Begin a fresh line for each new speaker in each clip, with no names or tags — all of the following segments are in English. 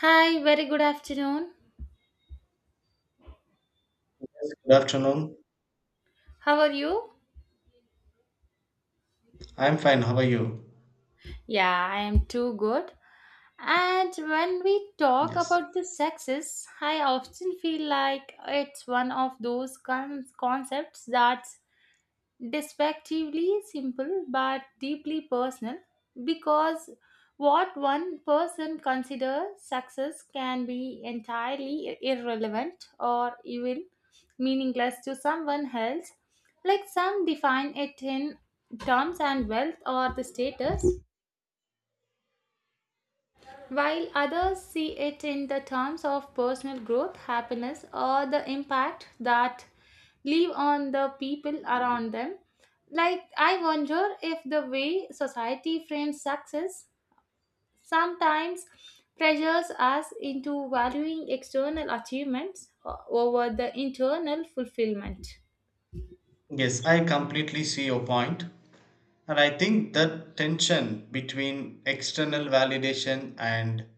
Hi, very good afternoon.
Good afternoon.
How are you?
I'm fine. How are you?
Yeah, I am too good. And when we talk
Yes.
about the sexes, I often feel like it's one of those concepts that despectively simple but deeply personal because what one person considers success can be entirely irrelevant or even meaningless to someone else. Like, some define it in terms and wealth or the status, while others see it in the terms of personal growth, happiness, or the impact that leave on the people around them. Like, I wonder if the way society frames success sometimes pressures us into valuing external achievements over the internal fulfillment.
Yes, I completely see your point. And I think that tension between external validation and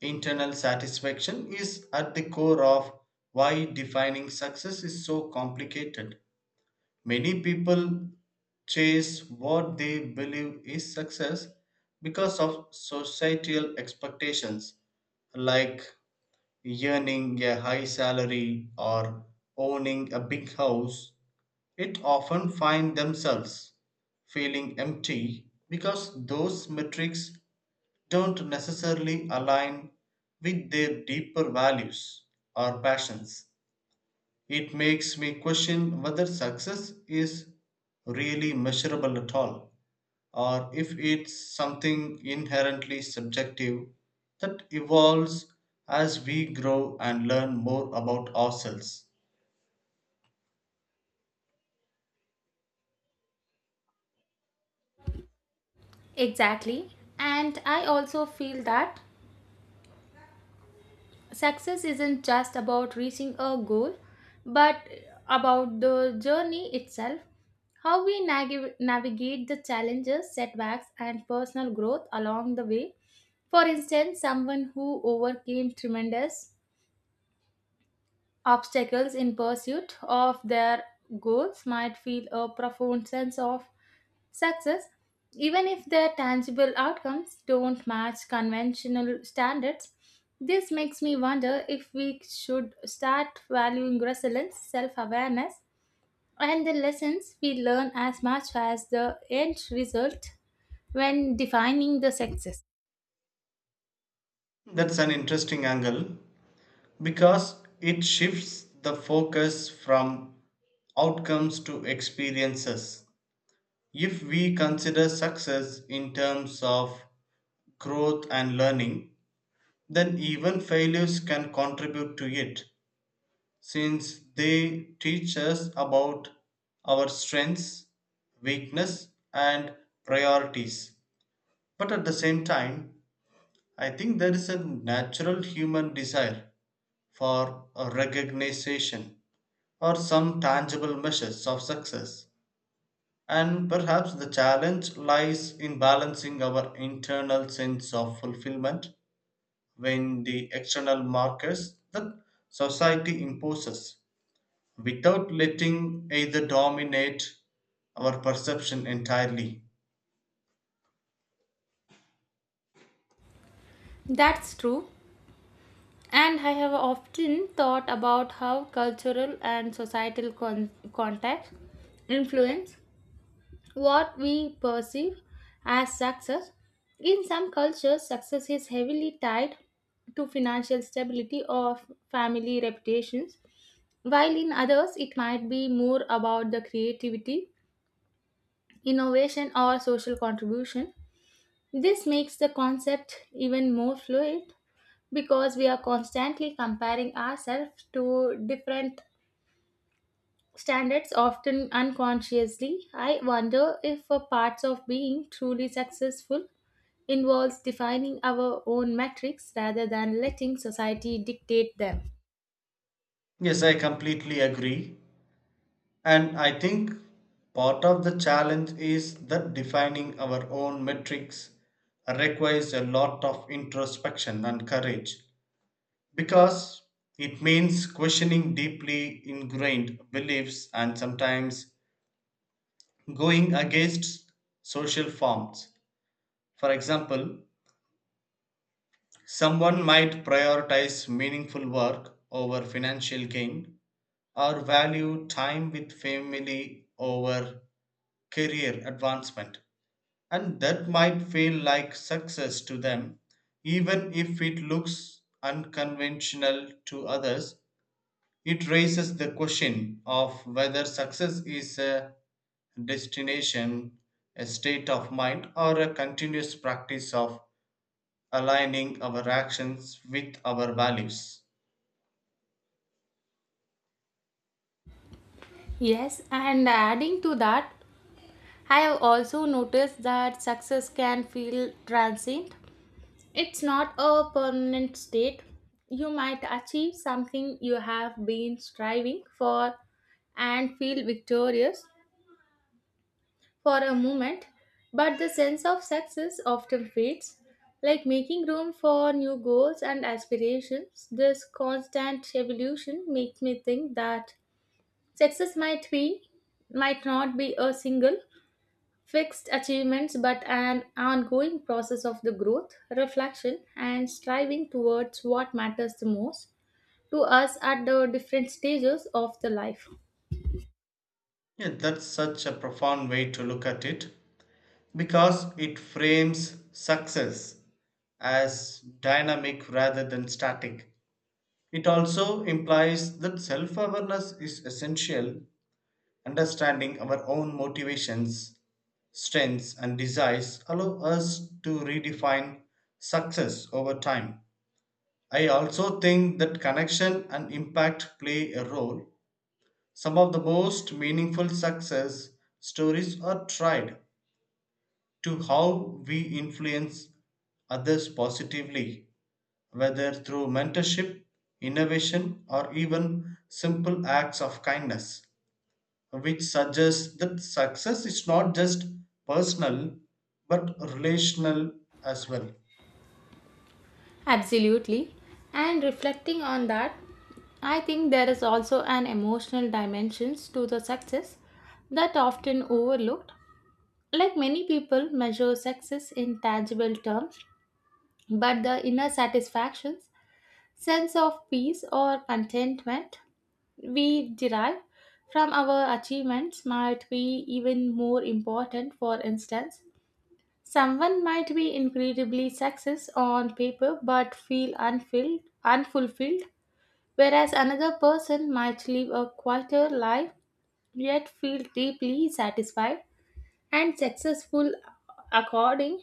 internal satisfaction is at the core of why defining success is so complicated. Many people chase what they believe is success because of societal expectations like earning a high salary or owning a big house, it often find themselves feeling empty because those metrics don't necessarily align with their deeper values or passions. It makes me question whether success is really measurable at all, or if it's something inherently subjective that evolves as we grow and learn more about ourselves.
Exactly. And I also feel that success isn't just about reaching a goal, but about the journey itself, how we navigate the challenges, setbacks, and personal growth along the way. For instance, someone who overcame tremendous obstacles in pursuit of their goals might feel a profound sense of success, even if their tangible outcomes don't match conventional standards. This makes me wonder if we should start valuing resilience, self awareness, and the lessons we learn as much as the end result when defining the success.
That's an interesting angle because it shifts the focus from outcomes to experiences. If we consider success in terms of growth and learning, then even failures can contribute to it since they teach us about our strengths, weakness and priorities. But at the same time, I think there is a natural human desire for a recognition or some tangible measures of success. And perhaps the challenge lies in balancing our internal sense of fulfillment when the external markers that society imposes without letting either dominate our perception entirely.
That's true. And I have often thought about how cultural and societal context influence what we perceive as success. In some cultures, success is heavily tied to financial stability or family reputations, while in others, it might be more about the creativity, innovation, or social contribution. This makes the concept even more fluid because we are constantly comparing ourselves to different standards, often unconsciously. I wonder if parts of being truly successful involves defining our own metrics rather than letting society dictate them.
Yes, I completely agree. And I think part of the challenge is that defining our own metrics requires a lot of introspection and courage because it means questioning deeply ingrained beliefs and sometimes going against social forms. For example, someone might prioritize meaningful work over financial gain or value time with family over career advancement. And that might feel like success to them, even if it looks unconventional to others. It raises the question of whether success is a destination, a state of mind, or a continuous practice of aligning our actions with our values.
Yes, and adding to that, I have also noticed that success can feel transient. It's not a permanent state. You might achieve something you have been striving for and feel victorious, for a moment, but the sense of success often fades, like making room for new goals and aspirations. This constant evolution makes me think that success might be might not be a single fixed achievements but an ongoing process of the growth, reflection and striving towards what matters the most to us at the different stages of the life.
Yeah, that's such a profound way to look at it because it frames success as dynamic rather than static. It also implies that self awareness is essential. Understanding our own motivations, strengths, and desires allow us to redefine success over time. I also think that connection and impact play a role. Some of the most meaningful success stories are tied to how we influence others positively, whether through mentorship, innovation, or even simple acts of kindness, which suggests that success is not just personal but relational as well.
Absolutely. And reflecting on that, I think there is also an emotional dimensions to the success that often overlooked. Like, many people measure success in tangible terms, but the inner satisfactions, sense of peace or contentment we derive from our achievements might be even more important. For instance, someone might be incredibly successful on paper but feel unfulfilled, whereas another person might live a quieter life yet feel deeply satisfied and successful according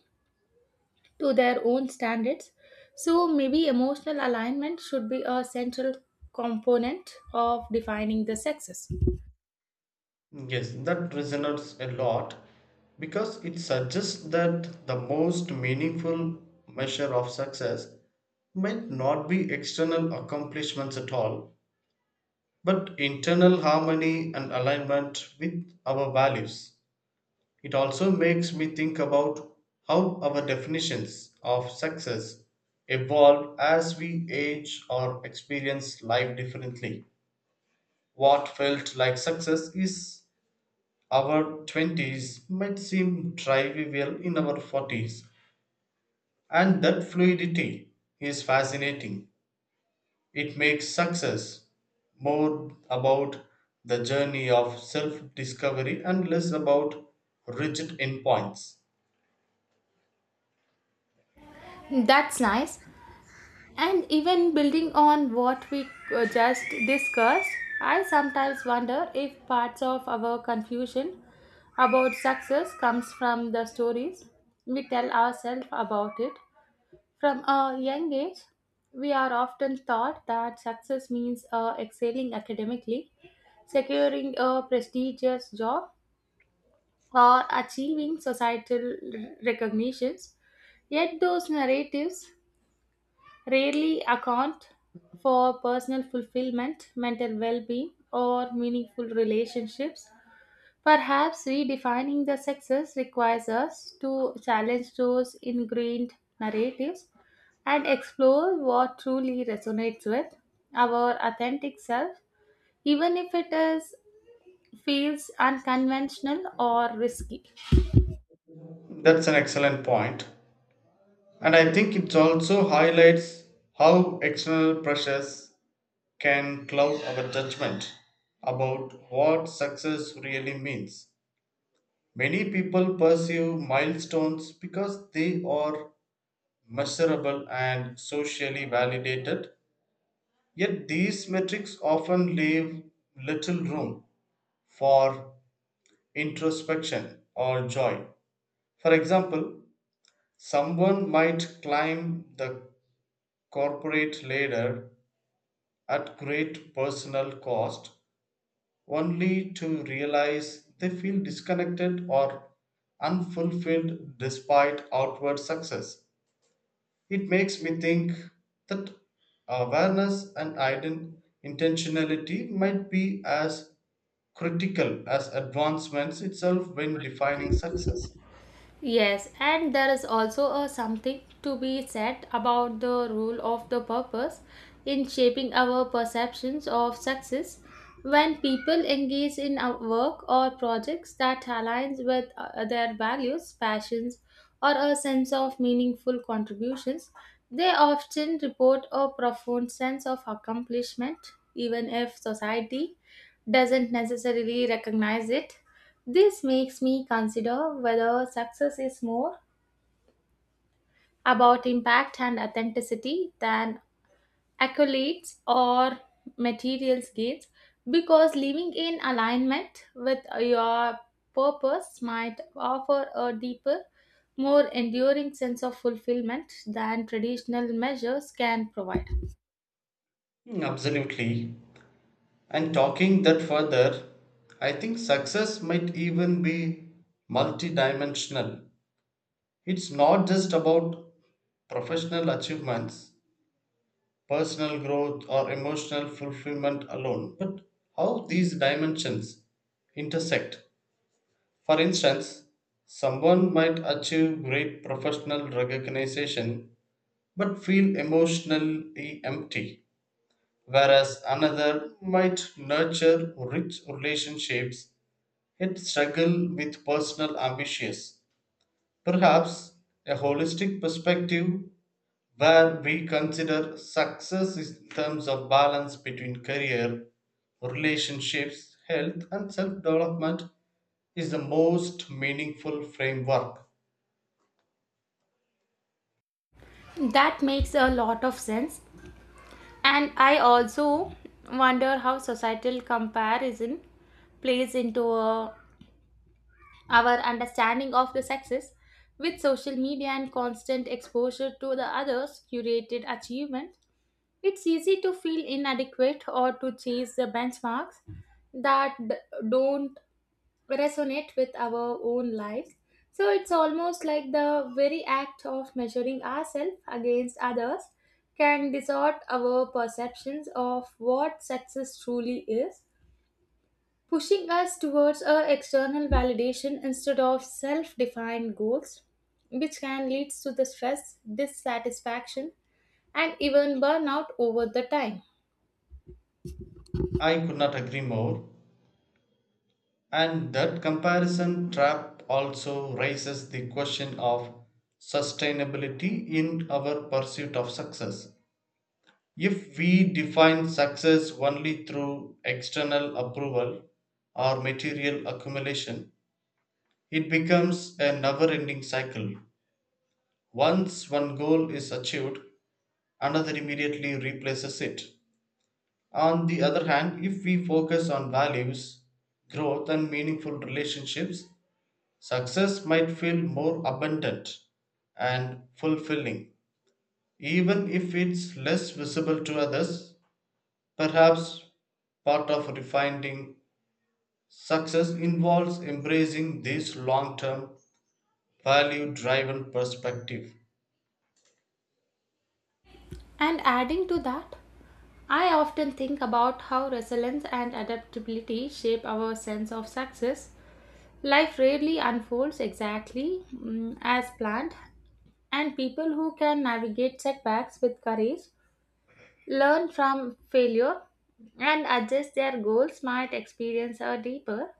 to their own standards. So maybe emotional alignment should be a central component of defining the success.
Yes, that resonates a lot because it suggests that the most meaningful measure of success might not be external accomplishments at all, but internal harmony and alignment with our values. It also makes me think about how our definitions of success evolve as we age or experience life differently. What felt like success is our 20s might seem trivial in our 40s, and that fluidity is fascinating. It makes success more about the journey of self discovery and less about rigid endpoints.
That's nice. And even building on what we just discussed, I sometimes wonder if parts of our confusion about success comes from the stories we tell ourselves about it. From a young age, we are often taught that success means excelling academically, securing a prestigious job, or achieving societal recognitions. Yet those narratives rarely account for personal fulfillment, mental well being, or meaningful relationships. Perhaps redefining the success requires us to challenge those ingrained narratives and explore what truly resonates with our authentic self, even if it is feels unconventional or risky.
That's an excellent point. And I think it also highlights how external pressures can cloud our judgment about what success really means. Many people pursue milestones because they are measurable and socially validated, yet these metrics often leave little room for introspection or joy. For example, someone might climb the corporate ladder at great personal cost only to realize they feel disconnected or unfulfilled despite outward success. It makes me think that awareness and intentionality might be as critical as advancements itself when defining success.
Yes, and there is also a something to be said about the role of the purpose in shaping our perceptions of success. When people engage in a work or projects that aligns with their values, passions, or a sense of meaningful contributions, they often report a profound sense of accomplishment, even if society doesn't necessarily recognize it. This makes me consider whether success is more about impact and authenticity than accolades or material gains, because living in alignment with your purpose might offer a deeper, more enduring sense of fulfillment than traditional measures can provide.
Absolutely. And talking that further, I think success might even be multidimensional. It's not just about professional achievements, personal growth, or emotional fulfillment alone, but how these dimensions intersect. For instance, someone might achieve great professional recognition but feel emotionally empty, whereas another might nurture rich relationships yet struggle with personal ambitions. Perhaps a holistic perspective where we consider success in terms of balance between career, relationships, health, and self development is the most meaningful framework.
That makes a lot of sense. And I also wonder how societal comparison plays into a our understanding of the sexes. With social media and constant exposure to the others' curated achievement, it's easy to feel inadequate or to chase the benchmarks that don't resonate with our own lives. So it's almost like the very act of measuring ourselves against others can distort our perceptions of what success truly is, pushing us towards a external validation instead of self-defined goals, which can lead to the stress dissatisfaction and even burnout over the time.
I could not agree more. And that comparison trap also raises the question of sustainability in our pursuit of success. If we define success only through external approval or material accumulation, it becomes a never ending cycle. Once one goal is achieved, another immediately replaces it. On the other hand, if we focus on values, growth, and meaningful relationships, success might feel more abundant and fulfilling, even if it's less visible to others. Perhaps part of refining success involves embracing this long term, value driven perspective.
And adding to that, I often think about how resilience and adaptability shape our sense of success. Life rarely unfolds exactly as planned, and people who can navigate setbacks with courage, learn from failure, and adjust their goals might experience a deeper,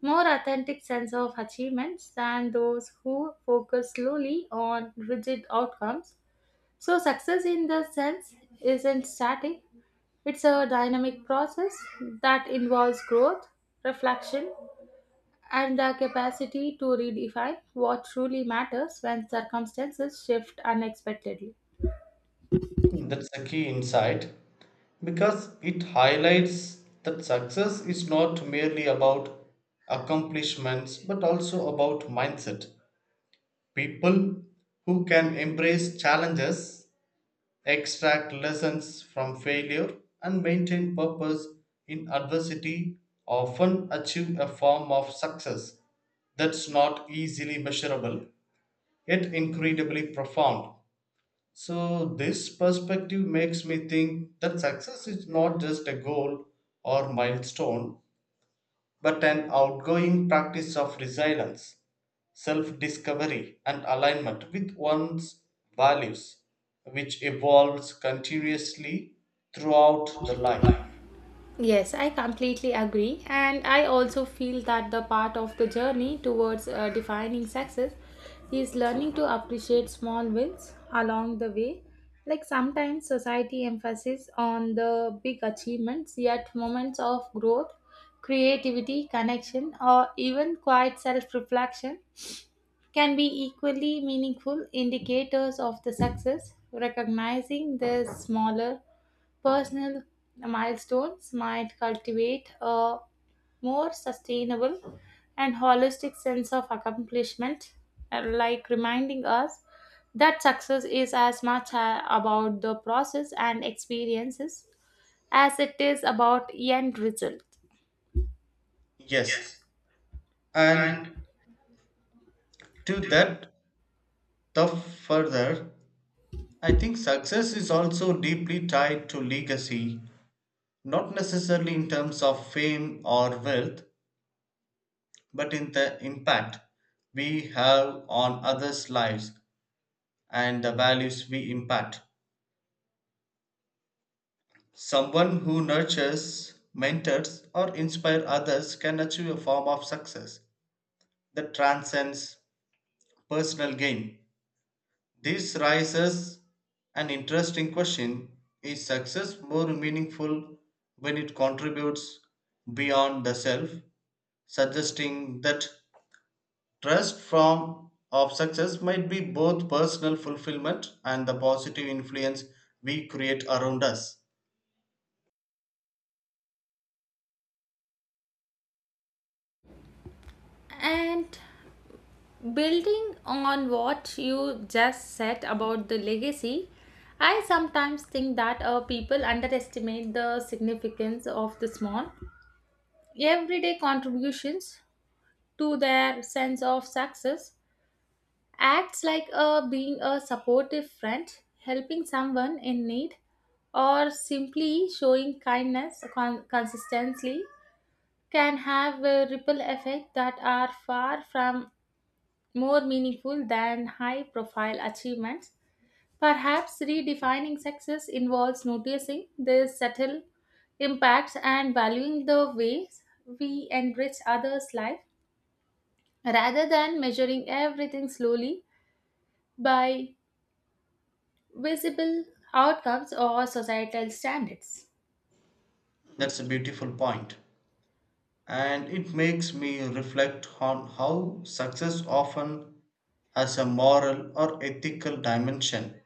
more authentic sense of achievements than those who focus solely on rigid outcomes. So, success in the sense isn't static, it's a dynamic process that involves growth, reflection, and the capacity to redefine what truly matters when circumstances shift unexpectedly.
That's a key insight because it highlights that success is not merely about accomplishments but also about mindset. People who can embrace challenges, extract lessons from failure, and maintain purpose in adversity often achieve a form of success that's not easily measurable yet incredibly profound. So, this perspective makes me think that success is not just a goal or milestone but an outgoing practice of resilience, self discovery, and alignment with one's values, which evolves continuously throughout the life.
Yes, I completely agree. And I also feel that the part of the journey towards defining success is learning to appreciate small wins along the way. Like, sometimes society emphasizes on the big achievements, yet moments of growth, creativity, connection, or even quiet self reflection can be equally meaningful indicators of the success. Recognizing the smaller personal milestones might cultivate a more sustainable and holistic sense of accomplishment, like reminding us that success is as much about the process and experiences as it is about end result.
Yes, and to that, the further, I think success is also deeply tied to legacy, not necessarily in terms of fame or wealth, but in the impact we have on others' lives and the values we impact. Someone who nurtures, mentors, or inspires others can achieve a form of success that transcends personal gain. This raises an interesting question. Is success more meaningful when it contributes beyond the self, suggesting that trust form of success might be both personal fulfillment and the positive influence we create around us?
And building on what you just said about the legacy, I sometimes think that people underestimate the significance of the small, everyday contributions to their sense of success. Acts like being a supportive friend, helping someone in need, or simply showing kindness consistently can have a ripple effect that are far from more meaningful than high profile achievements. Perhaps redefining success involves noticing their subtle impacts and valuing the ways we enrich others' life rather than measuring everything slowly by visible outcomes or societal standards.
That's a beautiful point, and it makes me reflect on how success often has a moral or ethical dimension.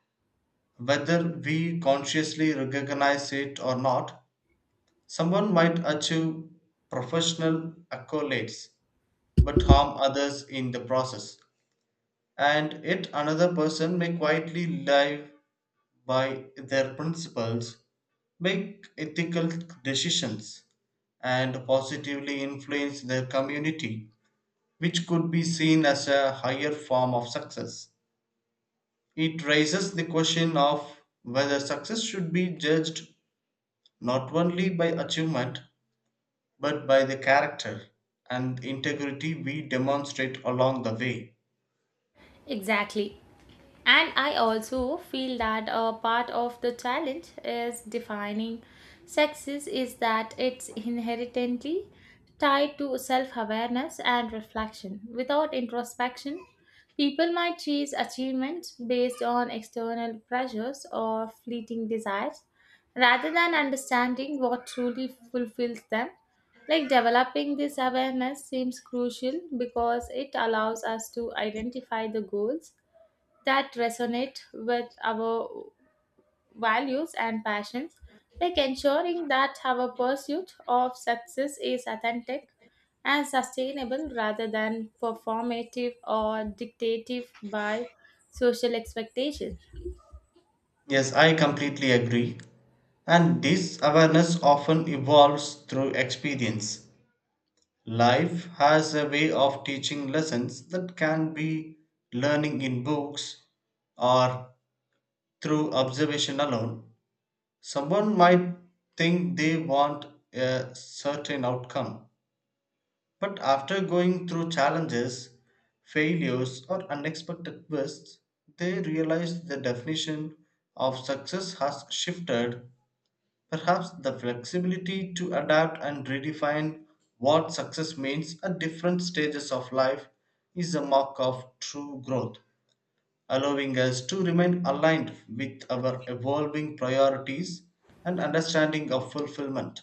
Whether we consciously recognize it or not, someone might achieve professional accolades but harm others in the process. And yet another person may quietly live by their principles, make ethical decisions, and positively influence their community, which could be seen as a higher form of success. It raises the question of whether success should be judged not only by achievement but by the character and integrity we demonstrate along the way.
Exactly. And I also feel that a part of the challenge is defining sexes is that it's inherently tied to self awareness and reflection. Without introspection, people might chase achievements based on external pressures or fleeting desires rather than understanding what truly fulfills them. Like, developing this awareness seems crucial because it allows us to identify the goals that resonate with our values and passions, like ensuring that our pursuit of success is authentic and sustainable rather than performative or dictative by social expectations.
Yes, I completely agree. And this awareness often evolves through experience. Life has a way of teaching lessons that can be learning in books or through observation alone. Someone might think they want a certain outcome, but after going through challenges, failures, or unexpected twists, they realize the definition of success has shifted. Perhaps the flexibility to adapt and redefine what success means at different stages of life is a mark of true growth, allowing us to remain aligned with our evolving priorities and understanding of fulfillment.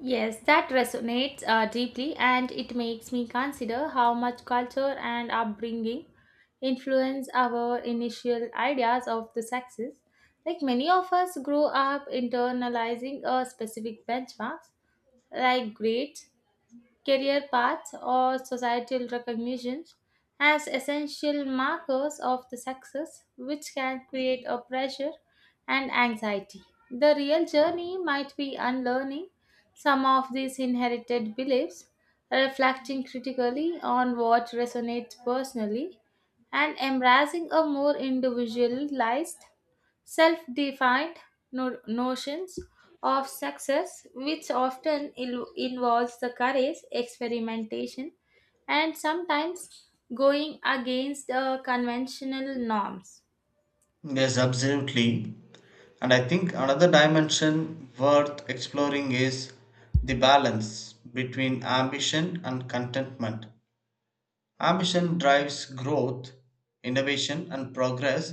Yes, that resonates deeply, and it makes me consider how much culture and upbringing influence our initial ideas of the sexes. Like, many of us grow up internalizing a specific benchmarks, like grades, career paths, or societal recognitions as essential markers of the success, which can create a pressure and anxiety. The real journey might be unlearning some of these inherited beliefs, reflecting critically on what resonates personally, and embracing a more individualized, self-defined notions of success, which often involves the courage experimentation and sometimes going against conventional norms.
Yes, absolutely. And I think another dimension worth exploring is the balance between ambition and contentment. Ambition drives growth, innovation, and progress,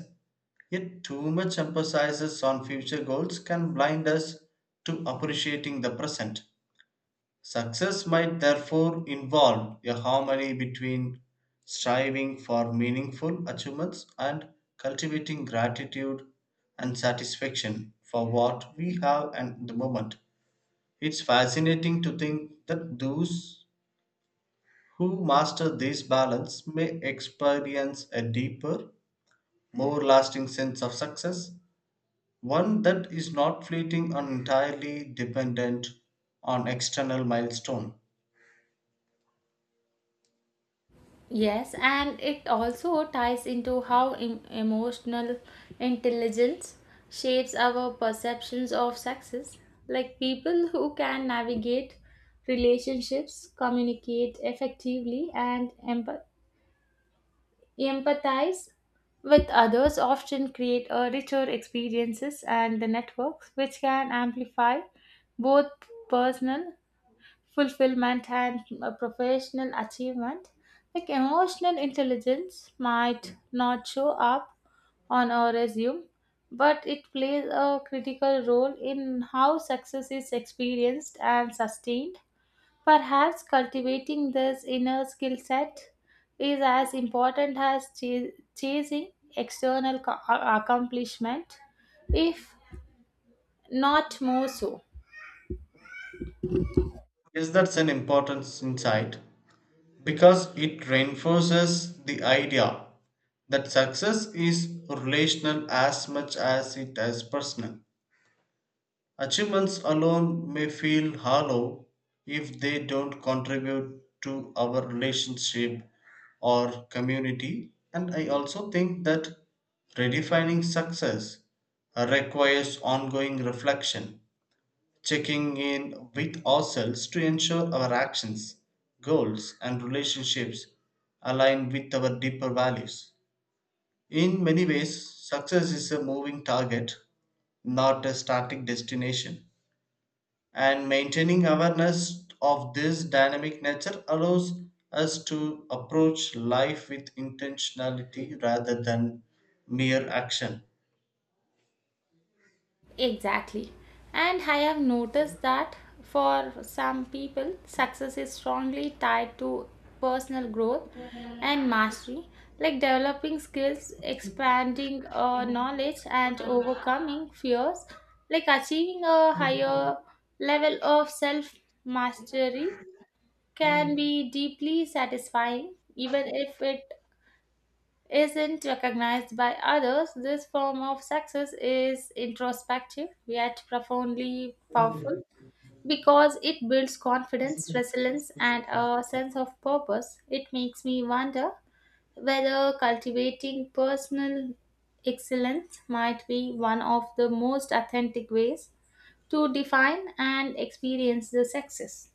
yet too much emphasis on future goals can blind us to appreciating the present. Success might therefore involve a harmony between striving for meaningful achievements and cultivating gratitude and satisfaction for what we have at the moment. It's fascinating to think that those who master this balance may experience a deeper, more lasting sense of success, one that is not fleeting and entirely dependent on external milestone.
Yes, and it also ties into how emotional intelligence shapes our perceptions of success. Like, people who can navigate relationships, communicate effectively, and empathize with others often create a richer experiences and the networks which can amplify both personal fulfillment and professional achievement. Like, emotional intelligence might not show up on a resume, but it plays a critical role in how success is experienced and sustained. Perhaps cultivating this inner skill set is as important as chasing external accomplishment, if not more so.
Yes, that's an important insight because it reinforces the idea that success is relational as much as it is personal. Achievements alone may feel hollow if they don't contribute to our relationship or community. And I also think that redefining success requires ongoing reflection, checking in with ourselves to ensure our actions, goals, and relationships align with our deeper values. In many ways, success is a moving target, not a static destination. And maintaining awareness of this dynamic nature allows us to approach life with intentionality rather than mere action.
Exactly. And I have noticed that for some people, success is strongly tied to personal growth and mastery, like developing skills, expanding knowledge, and overcoming fears. Like, achieving a higher level of self mastery can be deeply satisfying even if it isn't recognized by others. This form of success is introspective yet profoundly powerful because it builds confidence, resilience, and a sense of purpose. It makes me wonder whether cultivating personal excellence might be one of the most authentic ways to define and experience the success.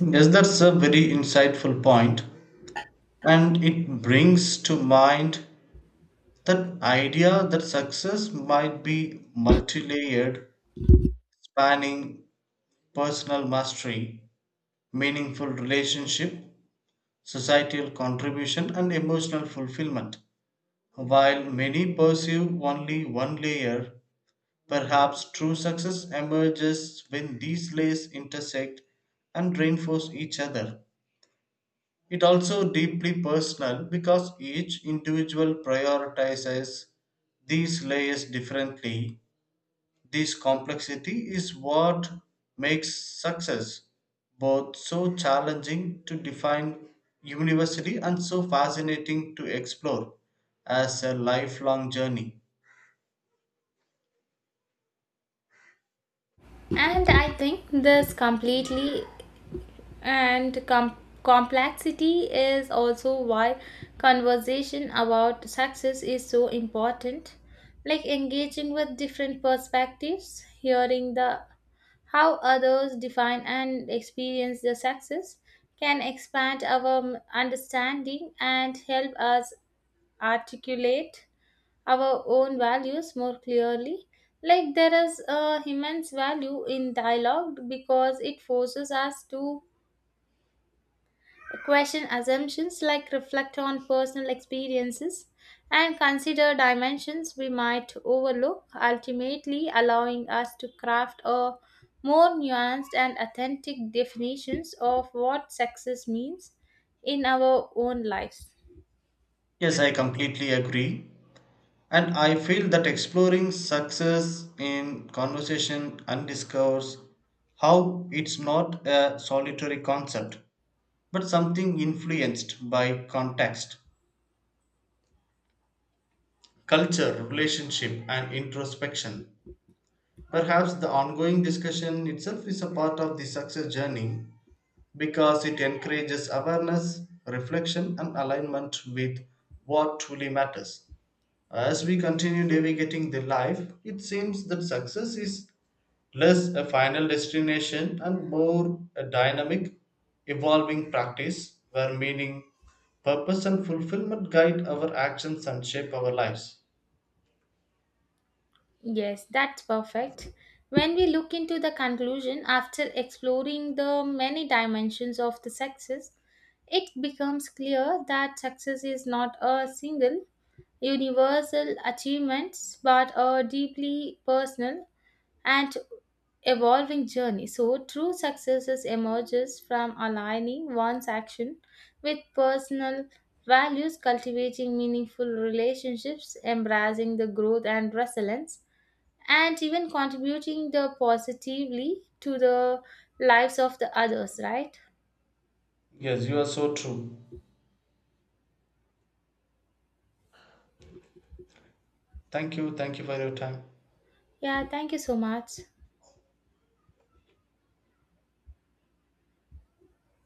Yes, that's a very insightful point, and it brings to mind that idea that success might be multi-layered, spanning personal mastery, meaningful relationship, societal contribution, and emotional fulfillment. While many pursue only one layer, perhaps true success emerges when these layers intersect and reinforce each other. It also deeply personal because each individual prioritizes these layers differently. This complexity is what makes success both so challenging to define university and so fascinating to explore as a lifelong journey.
And I think this And com- complexity is also why conversation about success is so important. Like, engaging with different perspectives, hearing the how others define and experience their success can expand our understanding and help us articulate our own values more clearly. Like, there is a immense value in dialogue because it forces us to question assumptions, like reflect on personal experiences and consider dimensions we might overlook, ultimately allowing us to craft a more nuanced and authentic definitions of what success means in our own lives.
Yes, I completely agree. And I feel that exploring success in conversation and discourse how it's not a solitary concept but something influenced by context, culture, relationship, and introspection. Perhaps the ongoing discussion itself is a part of the success journey because it encourages awareness, reflection, and alignment with what truly matters. As we continue navigating the life, it seems that success is less a final destination and more a dynamic, evolving practice where meaning, purpose, and fulfillment guide our actions and shape our lives.
Yes, that's perfect. When we look into the conclusion after exploring the many dimensions of the success, it becomes clear that success is not a single universal achievements, but a deeply personal and evolving journey. So, true success is emerges from aligning one's action with personal values, cultivating meaningful relationships, embracing the growth and resilience, and even contributing the positively to the lives of the others, right?
Yes, you are so true. Thank you. Thank you for your time.
Yeah, thank you so much.